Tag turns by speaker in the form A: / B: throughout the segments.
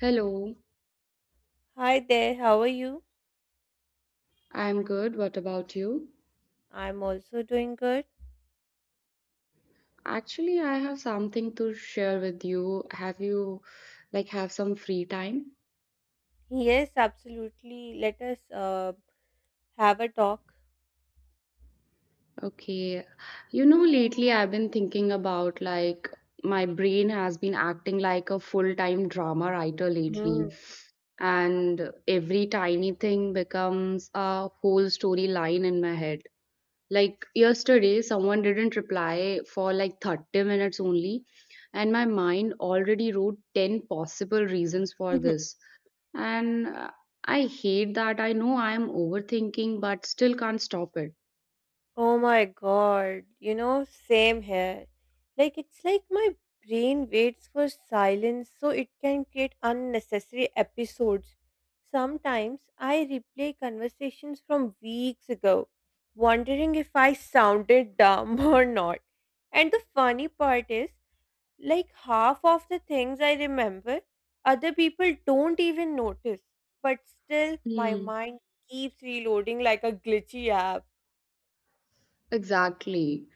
A: Hello,
B: Hi there, how are you?
A: I'm good. What about you?
B: I'm also doing good.
A: Actually, I have something to share with you. Have you have some free time?
B: Yes, absolutely. Let us have a talk.
A: Okay. You know, lately I've been thinking about my brain has been acting like a full-time drama writer
B: Hmm.
A: lately. And every tiny thing becomes a whole storyline in my head. Like yesterday, someone didn't reply for like 30 minutes only, and my mind already wrote 10 possible reasons for this. And I hate that. I know I am overthinking, but still can't stop it.
B: Oh my god, you know, same here. Like, it's like my brain waits for silence so it can create unnecessary episodes. Sometimes I replay conversations from weeks ago, wondering if I sounded dumb or not. And the funny part is, like half of the things I remember, other people don't even notice. But still, my
A: Hmm,
B: mind keeps reloading like a glitchy app.
A: exactly.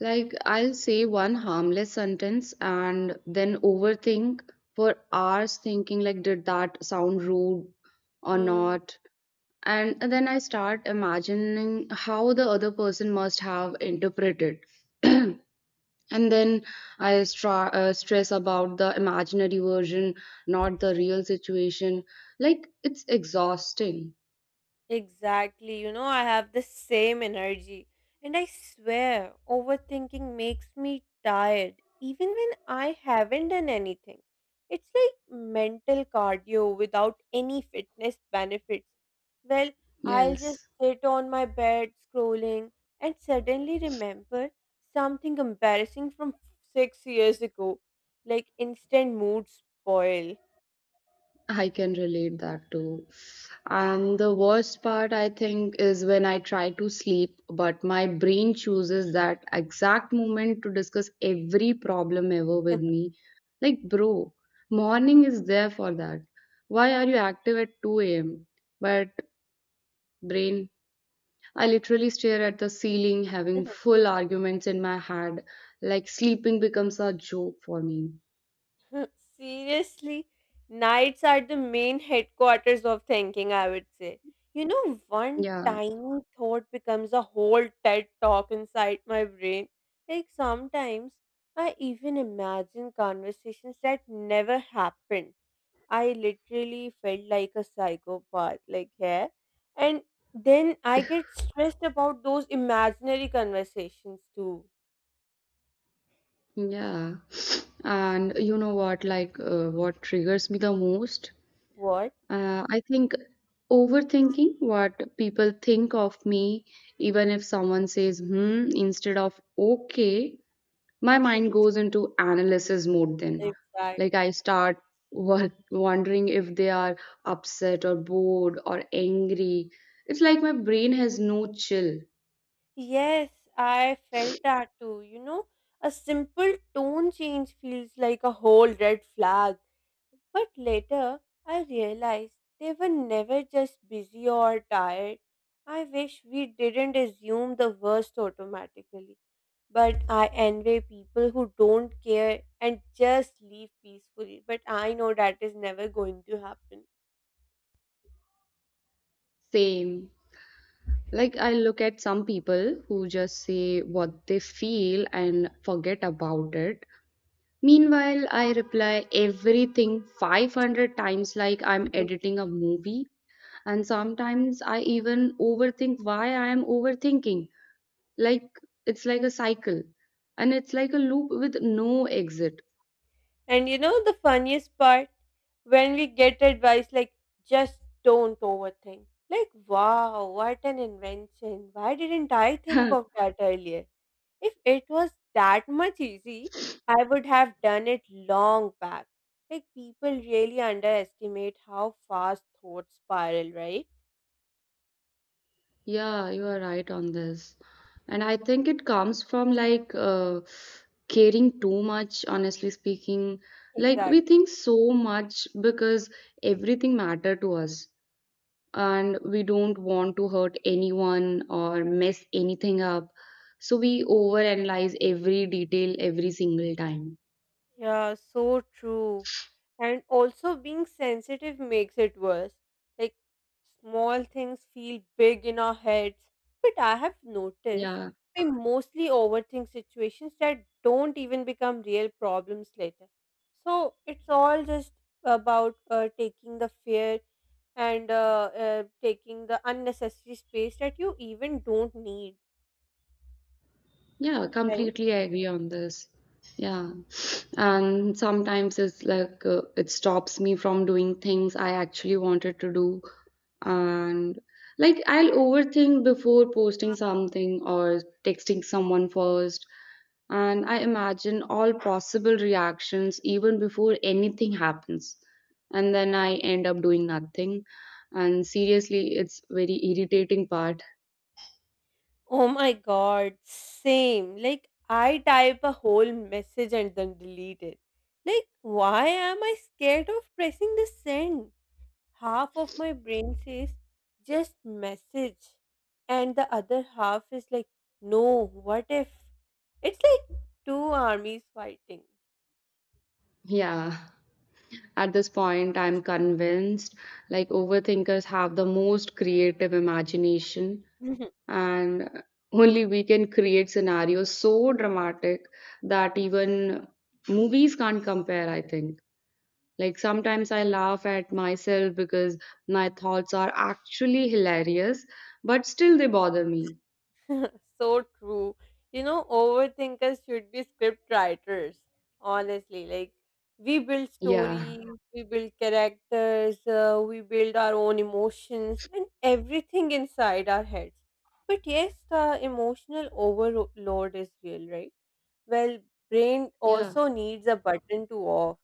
A: Like, I'll say one harmless sentence and then overthink for hours, thinking, like, did that sound rude or
B: Hmm.
A: not? And then I start imagining how the other person must have interpreted and then I stress about the imaginary version, not the real situation. Like, it's exhausting.
B: Exactly. You know, I have the same energy. And I swear, overthinking makes me tired, even when I haven't done anything. It's like mental cardio without any fitness benefits. Well, I'll just
A: Yes,
B: sit on my bed scrolling and suddenly remember something embarrassing from 6 years ago, like instant mood spoil.
A: I can relate that too. And the worst part, I think, is when I try to sleep, but my brain chooses that exact moment to discuss every problem ever with me. Like, bro, morning is there for that. Why are you active at 2 a.m.? But, brain, I literally stare at the ceiling, having full arguments in my head. Like, sleeping becomes a joke for me.
B: Seriously, nights are the main headquarters of thinking, I would say. You know, one
A: Yeah.
B: tiny thought becomes a whole TED talk inside my brain. Like sometimes I even imagine conversations that never happened. I literally felt like a psychopath, like, yeah. And then I get stressed about those imaginary conversations too.
A: Yeah. And you know what, what triggers me the most?
B: What?
A: I think overthinking what people think of me, even if someone says, hmm, instead of okay. My mind goes into analysis mode then. Like, I
B: Exactly.
A: start wondering if they are upset or bored or angry. It's like my brain has no chill.
B: Yes, I felt that too. You know, a simple tone change feels like a whole red flag. But later, I realized they were never just busy or tired. I wish we didn't assume the worst automatically. But I envy people who don't care and just leave peacefully. But I know that is never going to happen.
A: Same. Like, I look at some people who just say what they feel and forget about it. Meanwhile, I reply everything 500 times like I'm editing a movie. And sometimes I even overthink why I am overthinking. Like, it's like a cycle and it's like a loop with no exit.
B: And you know the funniest part? When we get advice like, just don't overthink. Like, wow, what an invention. Why didn't I think of that earlier? If it was that much easy, I would have done it long back. Like, people really underestimate how fast thoughts spiral, right?
A: Yeah, you are right on this. And I think it comes from caring too much, honestly speaking. Like, we
B: Exactly.
A: think so much because everything matter to us, and we don't want to hurt anyone or mess anything up. So we overanalyze every detail every single time.
B: Yeah, so true. And also being sensitive makes it worse. Like small things feel big in our heads. But I have noticed
A: Yeah.
B: we mostly overthink situations that don't even become real problems later. So it's all just about taking the fear and taking the unnecessary space that you even don't need,
A: Yeah,
B: right?
A: completely agree on this. Yeah. And sometimes it stops me from doing things I actually wanted to do. And like, I'll overthink before posting something or texting someone first. And I imagine all possible reactions even before anything happens. And then I end up doing nothing. And seriously, it's very irritating part.
B: Oh my god, same. Like I type a whole message and then delete it. Like why am I scared of pressing the send? Half of my brain says just message and the other half is like no, what if? It's like two armies fighting.
A: Yeah. At this point, I'm convinced like overthinkers have the most creative imagination, and only we can create scenarios so dramatic that even movies can't compare, I think. Like, sometimes I laugh at myself because my thoughts are actually hilarious, but still they bother me.
B: So true. You know, overthinkers should be script writers, honestly. Like, we build
A: Yeah.
B: stories, we build characters, we build our own emotions and everything inside our heads. But yes, the emotional overload is real, right? Well, brain
A: Yeah.
B: also needs a button to off.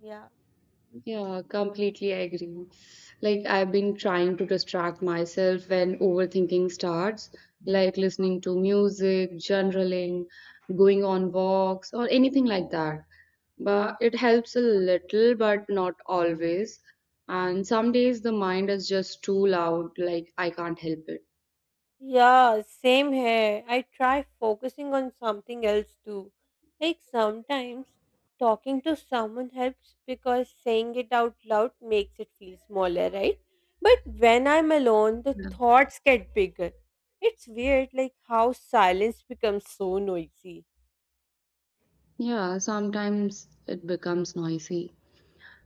B: Yeah.
A: Yeah, completely agree. Like, I've been trying to distract myself when overthinking starts, like listening to music, journaling, going on walks, or anything like that. But it helps a little, but not always. And some days the mind is just too loud, like, I can't help it.
B: Yeah, same here. I try focusing on something else too. Like sometimes talking to someone helps because saying it out loud makes it feel smaller, right? But when I'm alone, the thoughts get bigger. It's weird, like how silence becomes so noisy.
A: Yeah, sometimes it becomes noisy.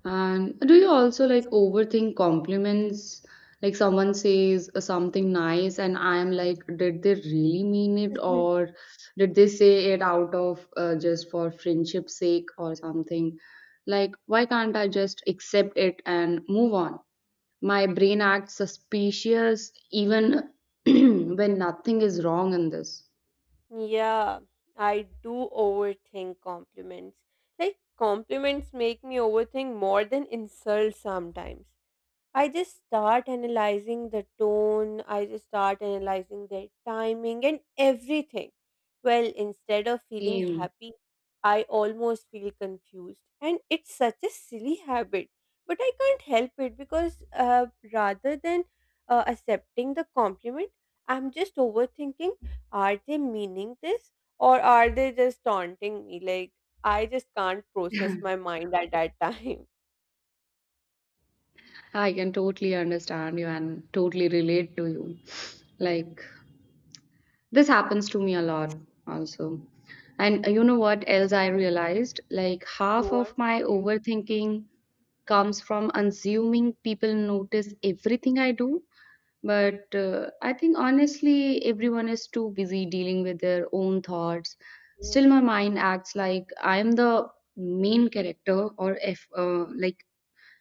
A: And do you also like overthink compliments? Like, someone says something nice, and I am like, did they really mean it,
B: Mhm.
A: or did they say it out of just for friendship's sake or something? Like, why can't I just accept it and move on? My brain acts suspicious even when nothing is wrong in this.
B: Yeah, I do overthink compliments. Like, compliments make me overthink more than insults sometimes. I just start analyzing the tone, I just start analyzing their timing and everything. Well, instead of feeling
A: Same.
B: happy, I almost feel confused. And it's such a silly habit, but I can't help it because rather than accepting the compliment, I'm just overthinking, are they meaning this or are they just taunting me? Like, I just can't process my mind at that time.
A: I can totally understand you and totally relate to you. Like, this happens to me a lot also. And you know what else I realized? Like, half of
B: What?
A: my overthinking comes from assuming people notice everything I do. But I think honestly, everyone is too busy dealing with their own thoughts. Still,
B: Yes.
A: my mind acts like I am the main character or if, like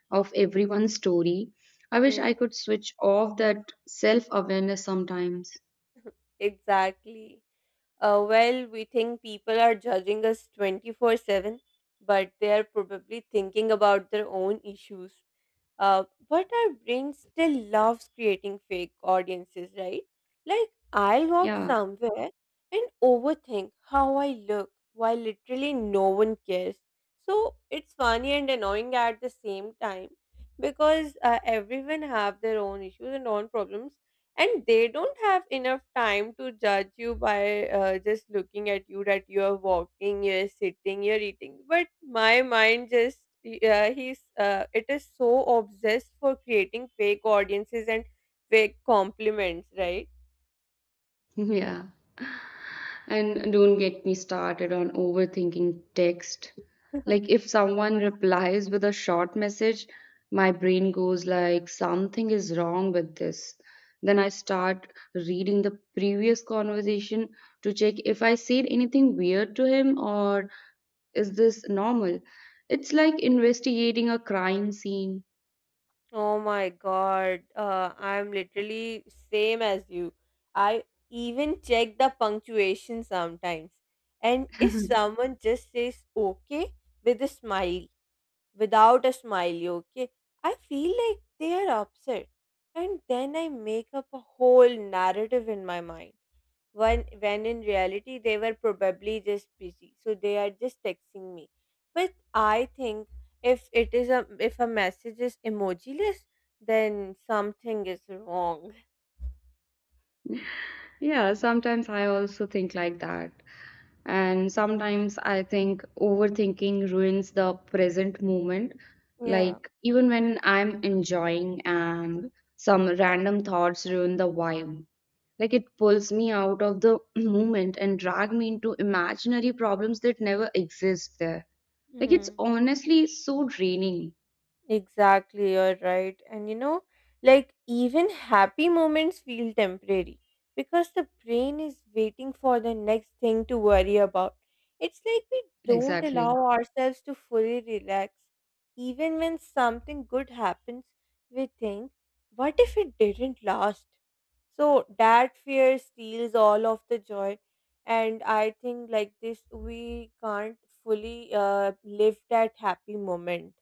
A: of everyone's story. I wish I could switch off that self awareness sometimes.
B: Exactly. Well, we think people are judging us 24/7, but they are probably thinking about their own issues. Uh, but our brain still loves creating fake audiences, right? Like, I'll walk
A: Yeah,
B: somewhere and overthink how I look while literally no one cares. So it's funny and annoying at the same time because everyone have their own issues and own problems and they don't have enough time to judge you by just looking at you that you are walking, you're sitting, you're eating, but my mind just, yeah, he's it is so obsessed for creating fake audiences and fake compliments, right?
A: yeah. And don't get me started on overthinking text. Like, if someone replies with a short message, my brain goes like something is wrong with this. Then I start reading the previous conversation to check if I said anything weird to him, or is this normal? It's like investigating a crime scene.
B: Oh my God. I'm literally same as you. I even check the punctuation sometimes. And if someone just says okay with a smile, without a smile, you okay? I feel like they are upset. And then I make up a whole narrative in my mind. When in reality, they were probably just busy. So they are just texting me. But I think if a message is emojiless, then something is wrong.
A: Yeah, sometimes I also think like that. And sometimes I think overthinking ruins the present moment.
B: Yeah.
A: Like, even when I'm enjoying and some random thoughts ruin the vibe. Like, it pulls me out of the moment and drag me into imaginary problems that never exist there. Like, it's
B: Hmm.
A: honestly so draining.
B: Exactly, you're right. And you know, like even happy moments feel temporary because the brain is waiting for the next thing to worry about. It's like we don't
A: Exactly.
B: allow ourselves to fully relax. Even when something good happens, we think, what if it didn't last? So that fear steals all of the joy. And I think like this, we can't fully live that happy moment.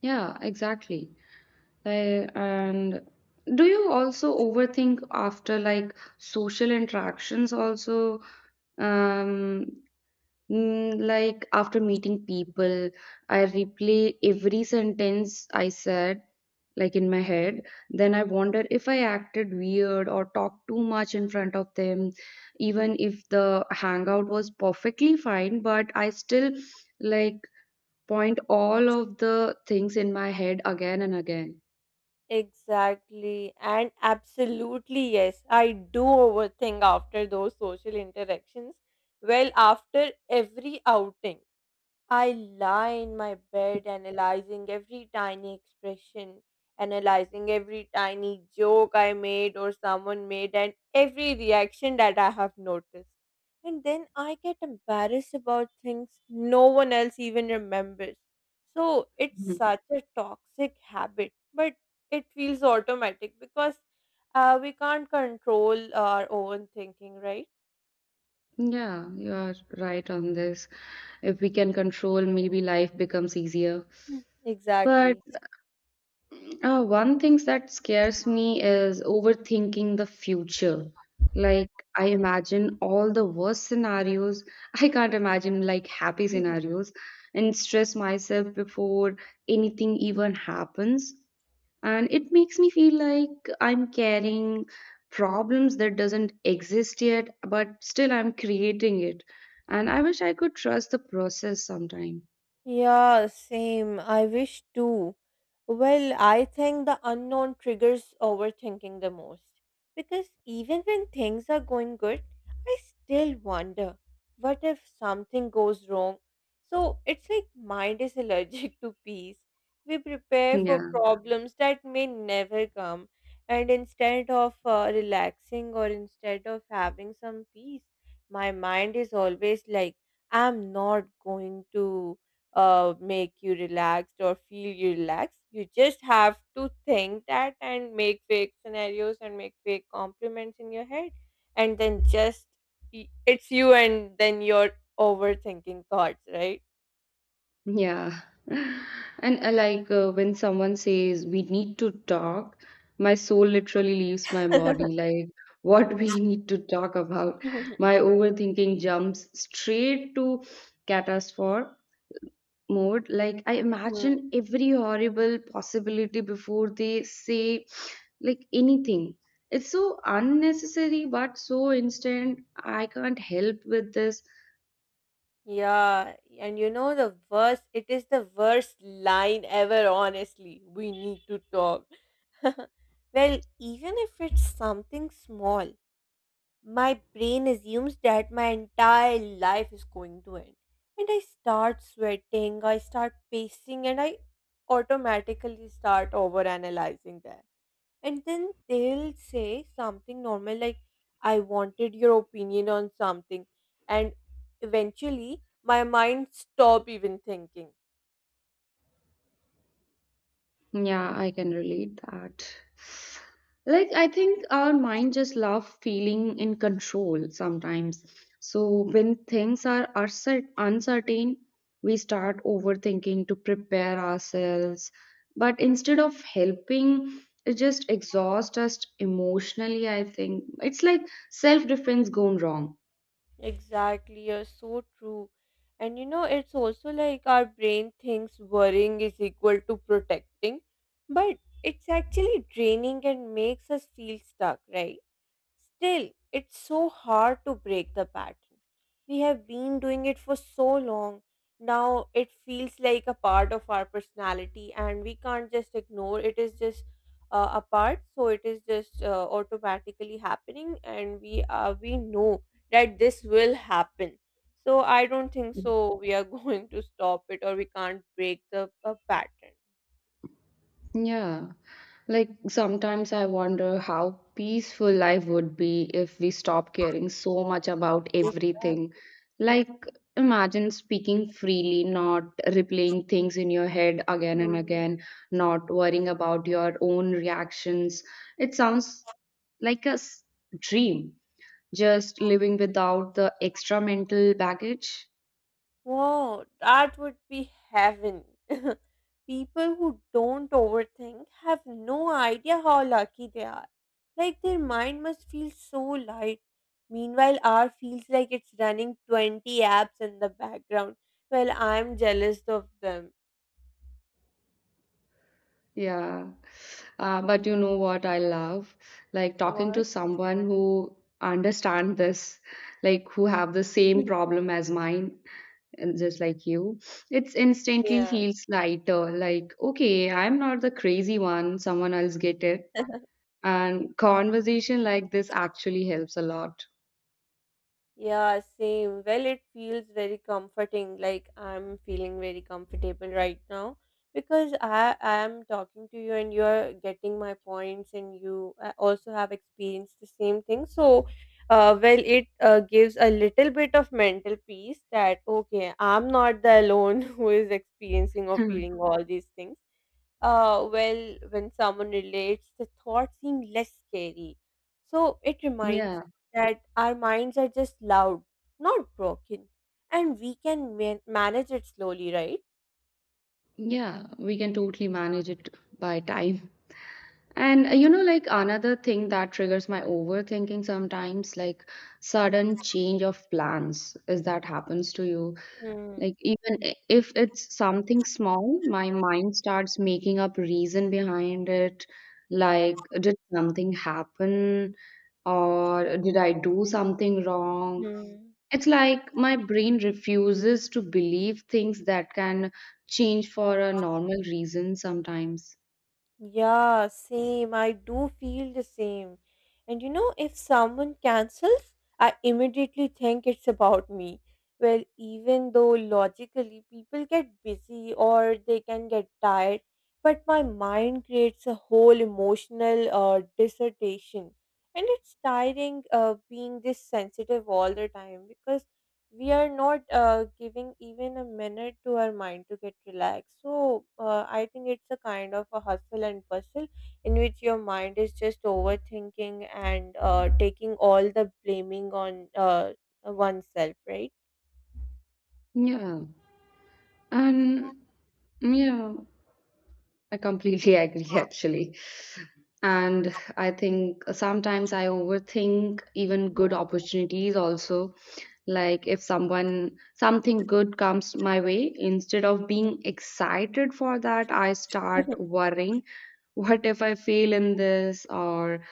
A: Yeah, exactly. And do you also overthink after like social interactions also um like after meeting people, I replay every sentence I said like in my head. Then I wonder if I acted weird or talked too much in front of them, even if the hangout was perfectly fine. But I still like point all of the things in my head again and again.
B: Exactly. And absolutely, yes. I do overthink after those social interactions. Well, after every outing. I lie in my bed analyzing every tiny expression, analyzing every tiny joke I made or someone made, and every reaction that I have noticed. And then I get embarrassed about things no one else even remembers. So it's such a toxic habit, but it feels automatic because we can't control our own thinking, right?
A: Yeah, you are right on this. If we can control, maybe life becomes easier.
B: Mm.
A: But
B: Exactly.
A: uh, one thing that scares me is overthinking the future. Like, I imagine all the worst scenarios. I can't imagine like happy scenarios and stress myself before anything even happens, and it makes me feel like I'm carrying problems that doesn't exist yet, but still I'm creating it. And I wish I could trust the process sometime.
B: Yeah, same. I wish too. Well, I think the unknown triggers overthinking the most. Because even when things are going good, I still wonder, what if something goes wrong? So it's like mind is allergic to peace. We prepare for
A: Yeah.
B: problems that may never come. And instead of relaxing or instead of having some peace, my mind is always like, I'm not going to make you relaxed or feel you relaxed. You just have to think that and make fake scenarios and make fake compliments in your head, and then just it's you and then your overthinking thoughts, right?
A: Yeah. And when someone says we need to talk, my soul literally leaves my body. Like, what we need to talk about? My overthinking jumps straight to catastrophe mode. Like, I imagine
B: Hmm.
A: every horrible possibility before they say like anything. It's so unnecessary, but so instant. I can't help with this.
B: Yeah, and you know the worst, it is the worst line ever, honestly. We need to talk. Well, even if it's something small, my brain assumes that my entire life is going to end. And I start sweating, I start pacing, and I automatically start over analyzing that. And then they'll say something normal like, I wanted your opinion on something. And eventually, my mind stop even thinking.
A: Yeah, I can relate that. Like, I think our mind just love feeling in control sometimes. So when things are uncertain, we start overthinking to prepare ourselves. But instead of helping, it just exhausts us emotionally, I think. It's like self-defense gone wrong.
B: Exactly, you're so true. And you know, it's also like our brain thinks worrying is equal to protecting, but it's actually draining and makes us feel stuck, right? Still, it's so hard to break the pattern. We have been doing it for so long. Now it feels like a part of our personality, and we can't just ignore it. Is just a part, so it is just automatically happening, and we know that this will happen. So I don't think so. We are going to stop it, or we can't break the pattern.
A: Yeah. Like, sometimes I wonder how peaceful life would be if we stop caring so much about everything.
B: Exactly.
A: Like, imagine speaking freely, not replaying things in your head again and again, not worrying about your own reactions. It sounds like a dream, just living without the extra mental baggage.
B: Wow, that would be heaven. People who don't overthink have no idea how lucky they are. Like their mind must feel so light. Meanwhile, our feels like it's running 20 apps in the background. Well, I'm jealous of them.
A: Yeah. But you know what I love? Like, talking
B: What?
A: to someone who understand this, like who have the same problem as mine, and just like you, it's instantly
B: Yeah.
A: feels lighter. Like, okay, I'm not the crazy one. Someone else get it. And conversation like this actually helps a lot.
B: Yeah, same. Well, it feels very comforting. Like I'm feeling very comfortable right now because I am talking to you and you're getting my points and you also have experienced the same thing. So, well, it gives a little bit of mental peace that okay, I'm not the alone who is experiencing or feeling all these things. Well, when someone relates, the thoughts seem less scary. So it reminds
A: Yeah.
B: that our minds are just loud, not broken, and we can manage it slowly, right?
A: Yeah. We can totally manage it by time. And you know, like another thing that triggers my overthinking sometimes, like sudden change of plans, is that happens to you.
B: Hmm.
A: Like, even if it's something small, my mind starts making up reason behind it. Like, did something happen? Or did I do something wrong?
B: Hmm.
A: It's like my brain refuses to believe things that can change for a normal reason sometimes.
B: Yeah, same. I do feel the same. And you know, if someone cancels, I immediately think it's about me. Well, even though logically people get busy or they can get tired, but my mind creates a whole emotional dissertation. And it's tiring being this sensitive all the time because we are not giving even a minute to our mind to get relaxed. So I think it's a kind of a hustle and bustle in which your mind is just overthinking and taking all the blaming on oneself, right?
A: Yeah. And yeah, I completely agree actually. And I think sometimes I overthink even good opportunities also. Like, if someone something good comes my way, instead of being excited for that, I start
B: Yeah.
A: worrying, what if I fail in this, or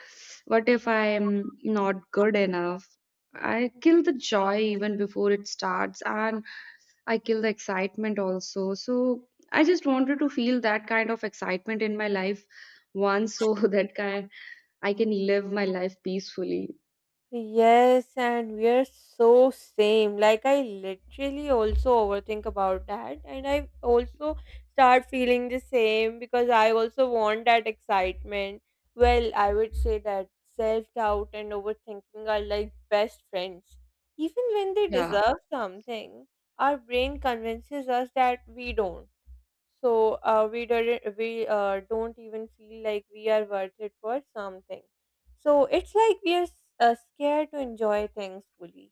A: what if I am not good enough? I kill the joy even before it starts, and I kill the excitement also. So I just wanted to feel that kind of excitement in my life once, so that kind I can live my life peacefully.
B: Yes, and we are so same. Like I literally also overthink about that, and I also start feeling the same because I also want that excitement. Well, I would say that self-doubt and overthinking are like best friends. Even when they
A: Yeah.
B: deserve something, our brain convinces us that we don't, so we didn't we don't even feel like we are worth it for something, so it's like we are scared to enjoy things fully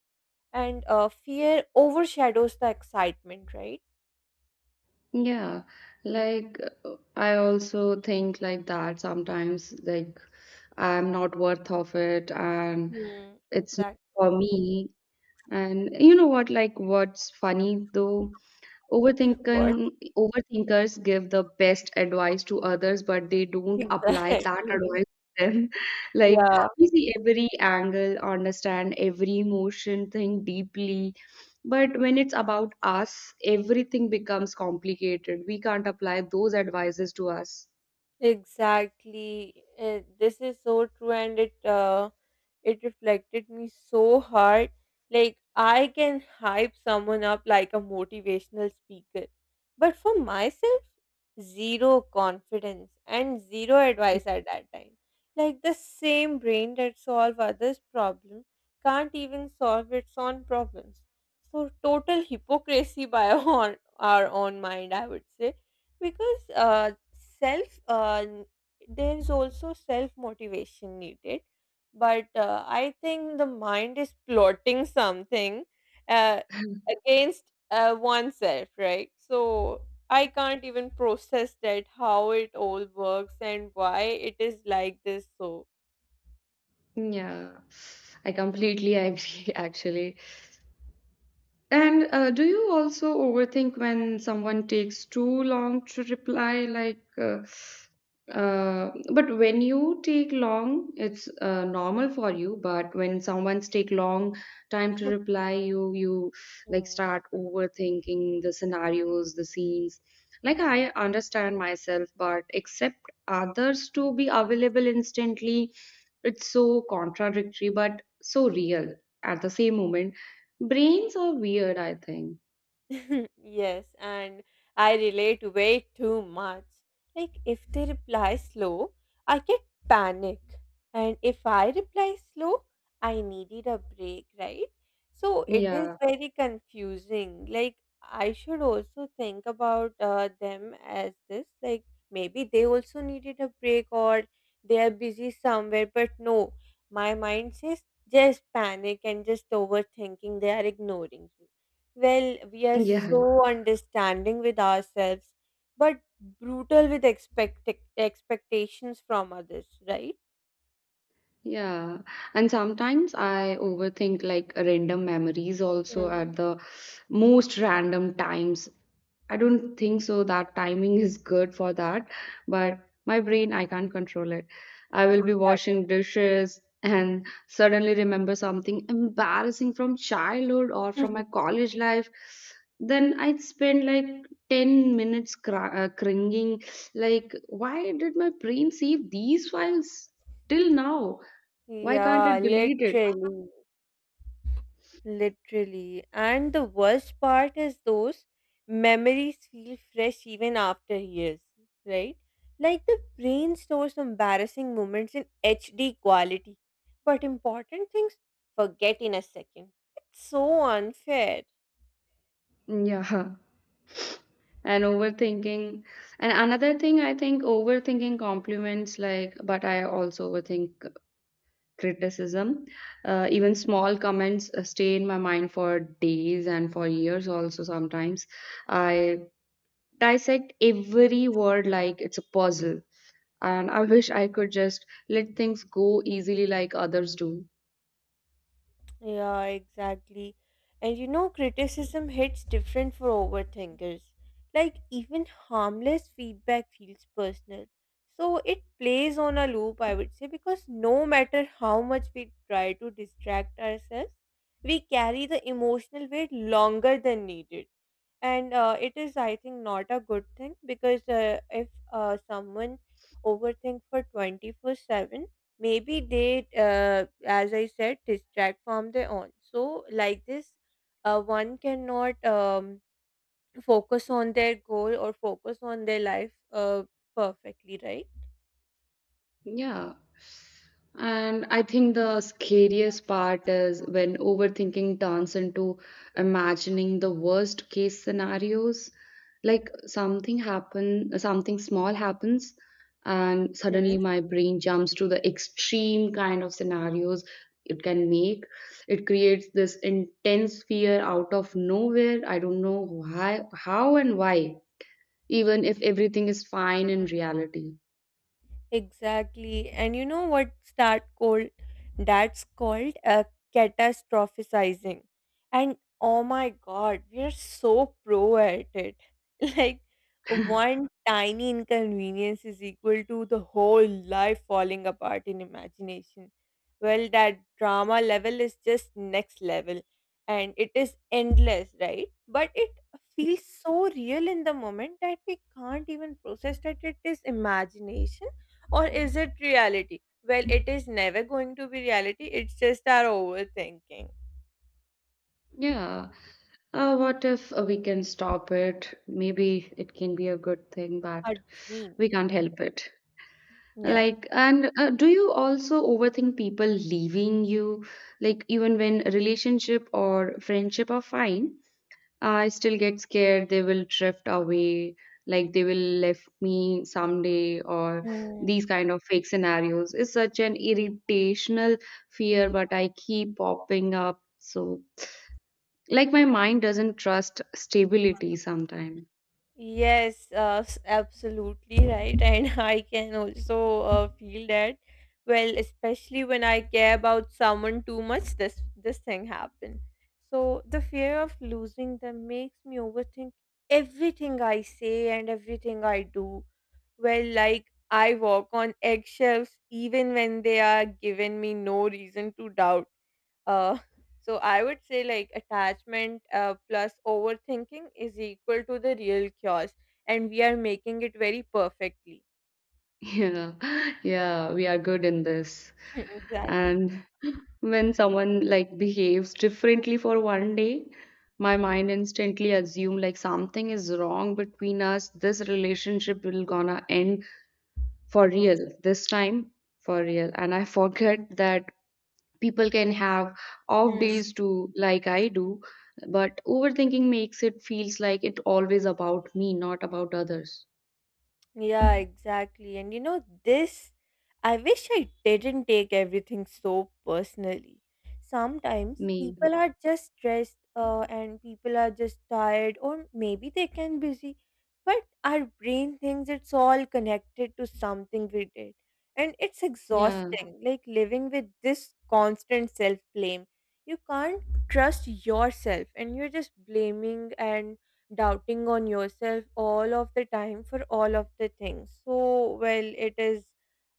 B: and fear overshadows the excitement, right?
A: Yeah. Like, I also think like that sometimes, like I'm not worth of it and
B: Hmm.
A: it's not
B: Exactly.
A: for me. And you know what, like what's funny though,
B: What?
A: overthinking, overthinkers give the best advice to others, but they don't apply that
B: Exactly.
A: advice to them. Like,
B: Yeah.
A: we see every angle, understand every emotion, think deeply. But when it's about us, everything becomes complicated. We can't apply those advices to us.
B: Exactly. This is so true and it it reflected me so hard. Like I can hype someone up like a motivational speaker, but for myself, zero confidence and zero advice at that time. Like the same brain that solve others' problem can't even solve its own problems. So total hypocrisy by our own mind, I would say because self uh, n- there is also self motivation needed but I think the mind is plotting something uh, against oneself, right? So I can't even process that how it all works and why it is like this, so
A: Yeah, I completely agree, actually. And do you also overthink when someone takes too long to reply? Like, but when you take long, it's normal for you. But when someone's take long time to reply, you like start overthinking the scenarios, the scenes. Like, I understand myself, but accept others to be available instantly. It's so contradictory, but so real at the same moment. Brains are weird, I think.
B: yes, and I relate way too much. Like, if they reply slow, I get panic. And if I reply slow, I needed a break, right? So it is
A: Yeah.
B: very confusing. Like, I should also think about them as this. Like, maybe they also needed a break or they are busy somewhere. But no, my mind says just panic and just overthinking. They are ignoring you. Well, we are
A: Yeah.
B: so understanding with ourselves, but brutal with expectations from others, right?
A: Yeah, and sometimes I overthink like random memories also
B: Mm.
A: at the most random times. I don't think so that timing is good for that, but my brain, I can't control it. I will be
B: Exactly.
A: washing dishes and suddenly remember something embarrassing from childhood or from my college life. Then I'd spend like 10 minutes cr cringing, like, why did my brain save these files till now? Why can't
B: Yeah,
A: it delete it?
B: literally, literally. And the worst part is those memories feel fresh even after years, right? Like the brain stores embarrassing moments in HD quality, but important things forget in a second. It's so unfair.
A: Yeah. And overthinking. And another thing, I think overthinking compliments, like, but I also overthink criticism. Even small comments stay in my mind for days and for years, also sometimes. I dissect every word like it's a puzzle. And I wish I could just let things go easily like others do.
B: Yeah, exactly. And you know, criticism hits different for overthinkers. Like, even harmless feedback feels personal. So it plays on a loop, I would say, because no matter how much we try to distract ourselves, we carry the emotional weight longer than needed, and it is I think not a good thing because if someone overthink for 24/7, maybe they, as I said, distract from their own. So like this, one cannot focus on their goal or focus on their life perfectly, right?
A: Yeah. And I think the scariest part is when overthinking turns into imagining the worst case scenarios. Like, something happen, something small happens, and
B: Hmm.
A: suddenly my brain jumps to the extreme kind of scenarios it can make. It creates this intense fear out of nowhere. I don't know why, how and why, even if everything is fine in reality.
B: Exactly. And you know what's that called? That's called catastrophizing. And oh my God, we are so pro at it. Like one tiny inconvenience is equal to the whole life falling apart in imagination. Well, that drama level is just next level and it is endless, right? But it feels so real in the moment that we can't even process that it is imagination or is it reality? Well, it is never going to be reality. It's just our overthinking,
A: Yeah. What if we can stop it? Maybe it can be a good thing, but
B: a
A: we
B: dream.
A: can't help it.
B: Yeah.
A: Like, and do you also overthink people leaving you? Like, even when relationship or friendship are fine, I still get scared they will drift away, like they will left me someday, or
B: Mm.
A: these kind of fake scenarios. It's such an irritational fear, but I keep popping up. So like, my mind doesn't trust stability sometimes.
B: Yes, absolutely right. And I can also feel that. Well, especially when I care about someone too much, this thing happened. So the fear of losing them makes me overthink everything I say and everything I do. Where like I walk on eggshells even when they are given me no reason to doubt. Uh, so I would say like attachment plus overthinking is equal to the real cures, and we are making it very perfectly.
A: Yeah, yeah, we are good in this.
B: Exactly.
A: And when someone like behaves differently for one day, my mind instantly assume like something is wrong between us, this relationship will gonna end for real this time, for real. And I forget that people can have off days too, like I do. But overthinking makes it feels like it always about me, not about others.
B: Yeah, exactly. And you know, this, I wish I didn't take everything so personally. Sometimes
A: Me.
B: people are just stressed and people are just tired, or maybe they can busy. But our brain thinks it's all connected to something we did. And it's
A: Yeah.
B: exhausting, like living with this constant self blame. You can't trust yourself, and you're just blaming and doubting on yourself all of the time for all of the things. So well, it is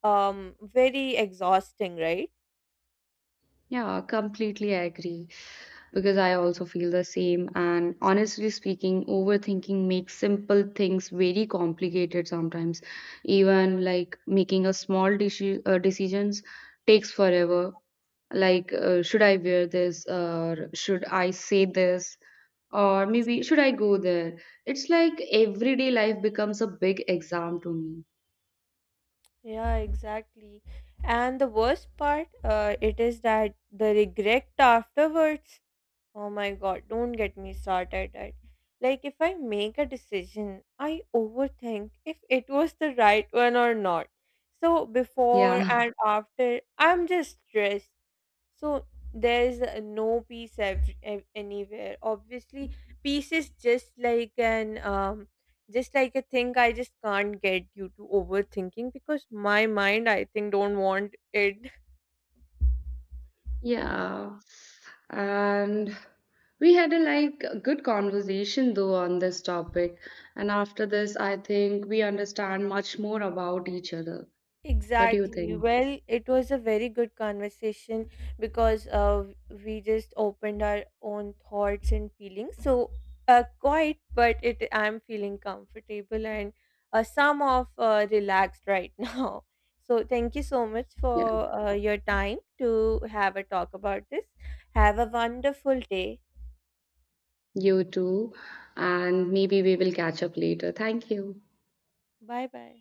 B: very exhausting, right?
A: Yeah, completely agree, because I also feel the same. And honestly speaking, overthinking makes simple things very complicated sometimes. Even like making a small decisions takes forever. Like, should I wear this, or should I say this? Or maybe should I go there? It's like everyday life becomes a big exam to me.
B: Yeah, exactly. And the worst part, it is that the regret afterwards, oh my god, don't get me started at. Like, if I make a decision, I overthink if it was the right one or not. So before
A: Yeah.
B: and after, I'm just stressed. So there's no peace anywhere. Obviously, peace is just like an just like a thing I just can't get due to overthinking because my mind I think don't want it.
A: Yeah, and we had a like a good conversation though on this topic. And after this, I think we understand much more about each other. What do you
B: Exactly.
A: think?
B: Well, it was a very good conversation because we just opened our own thoughts and feelings. So, quite, but it I'm feeling comfortable and some of relaxed right now. So, thank you so much
A: Yeah,
B: for your time to have a talk about this. Have a wonderful day.
A: you too. And maybe we will catch up later. Thank you.
B: Bye bye.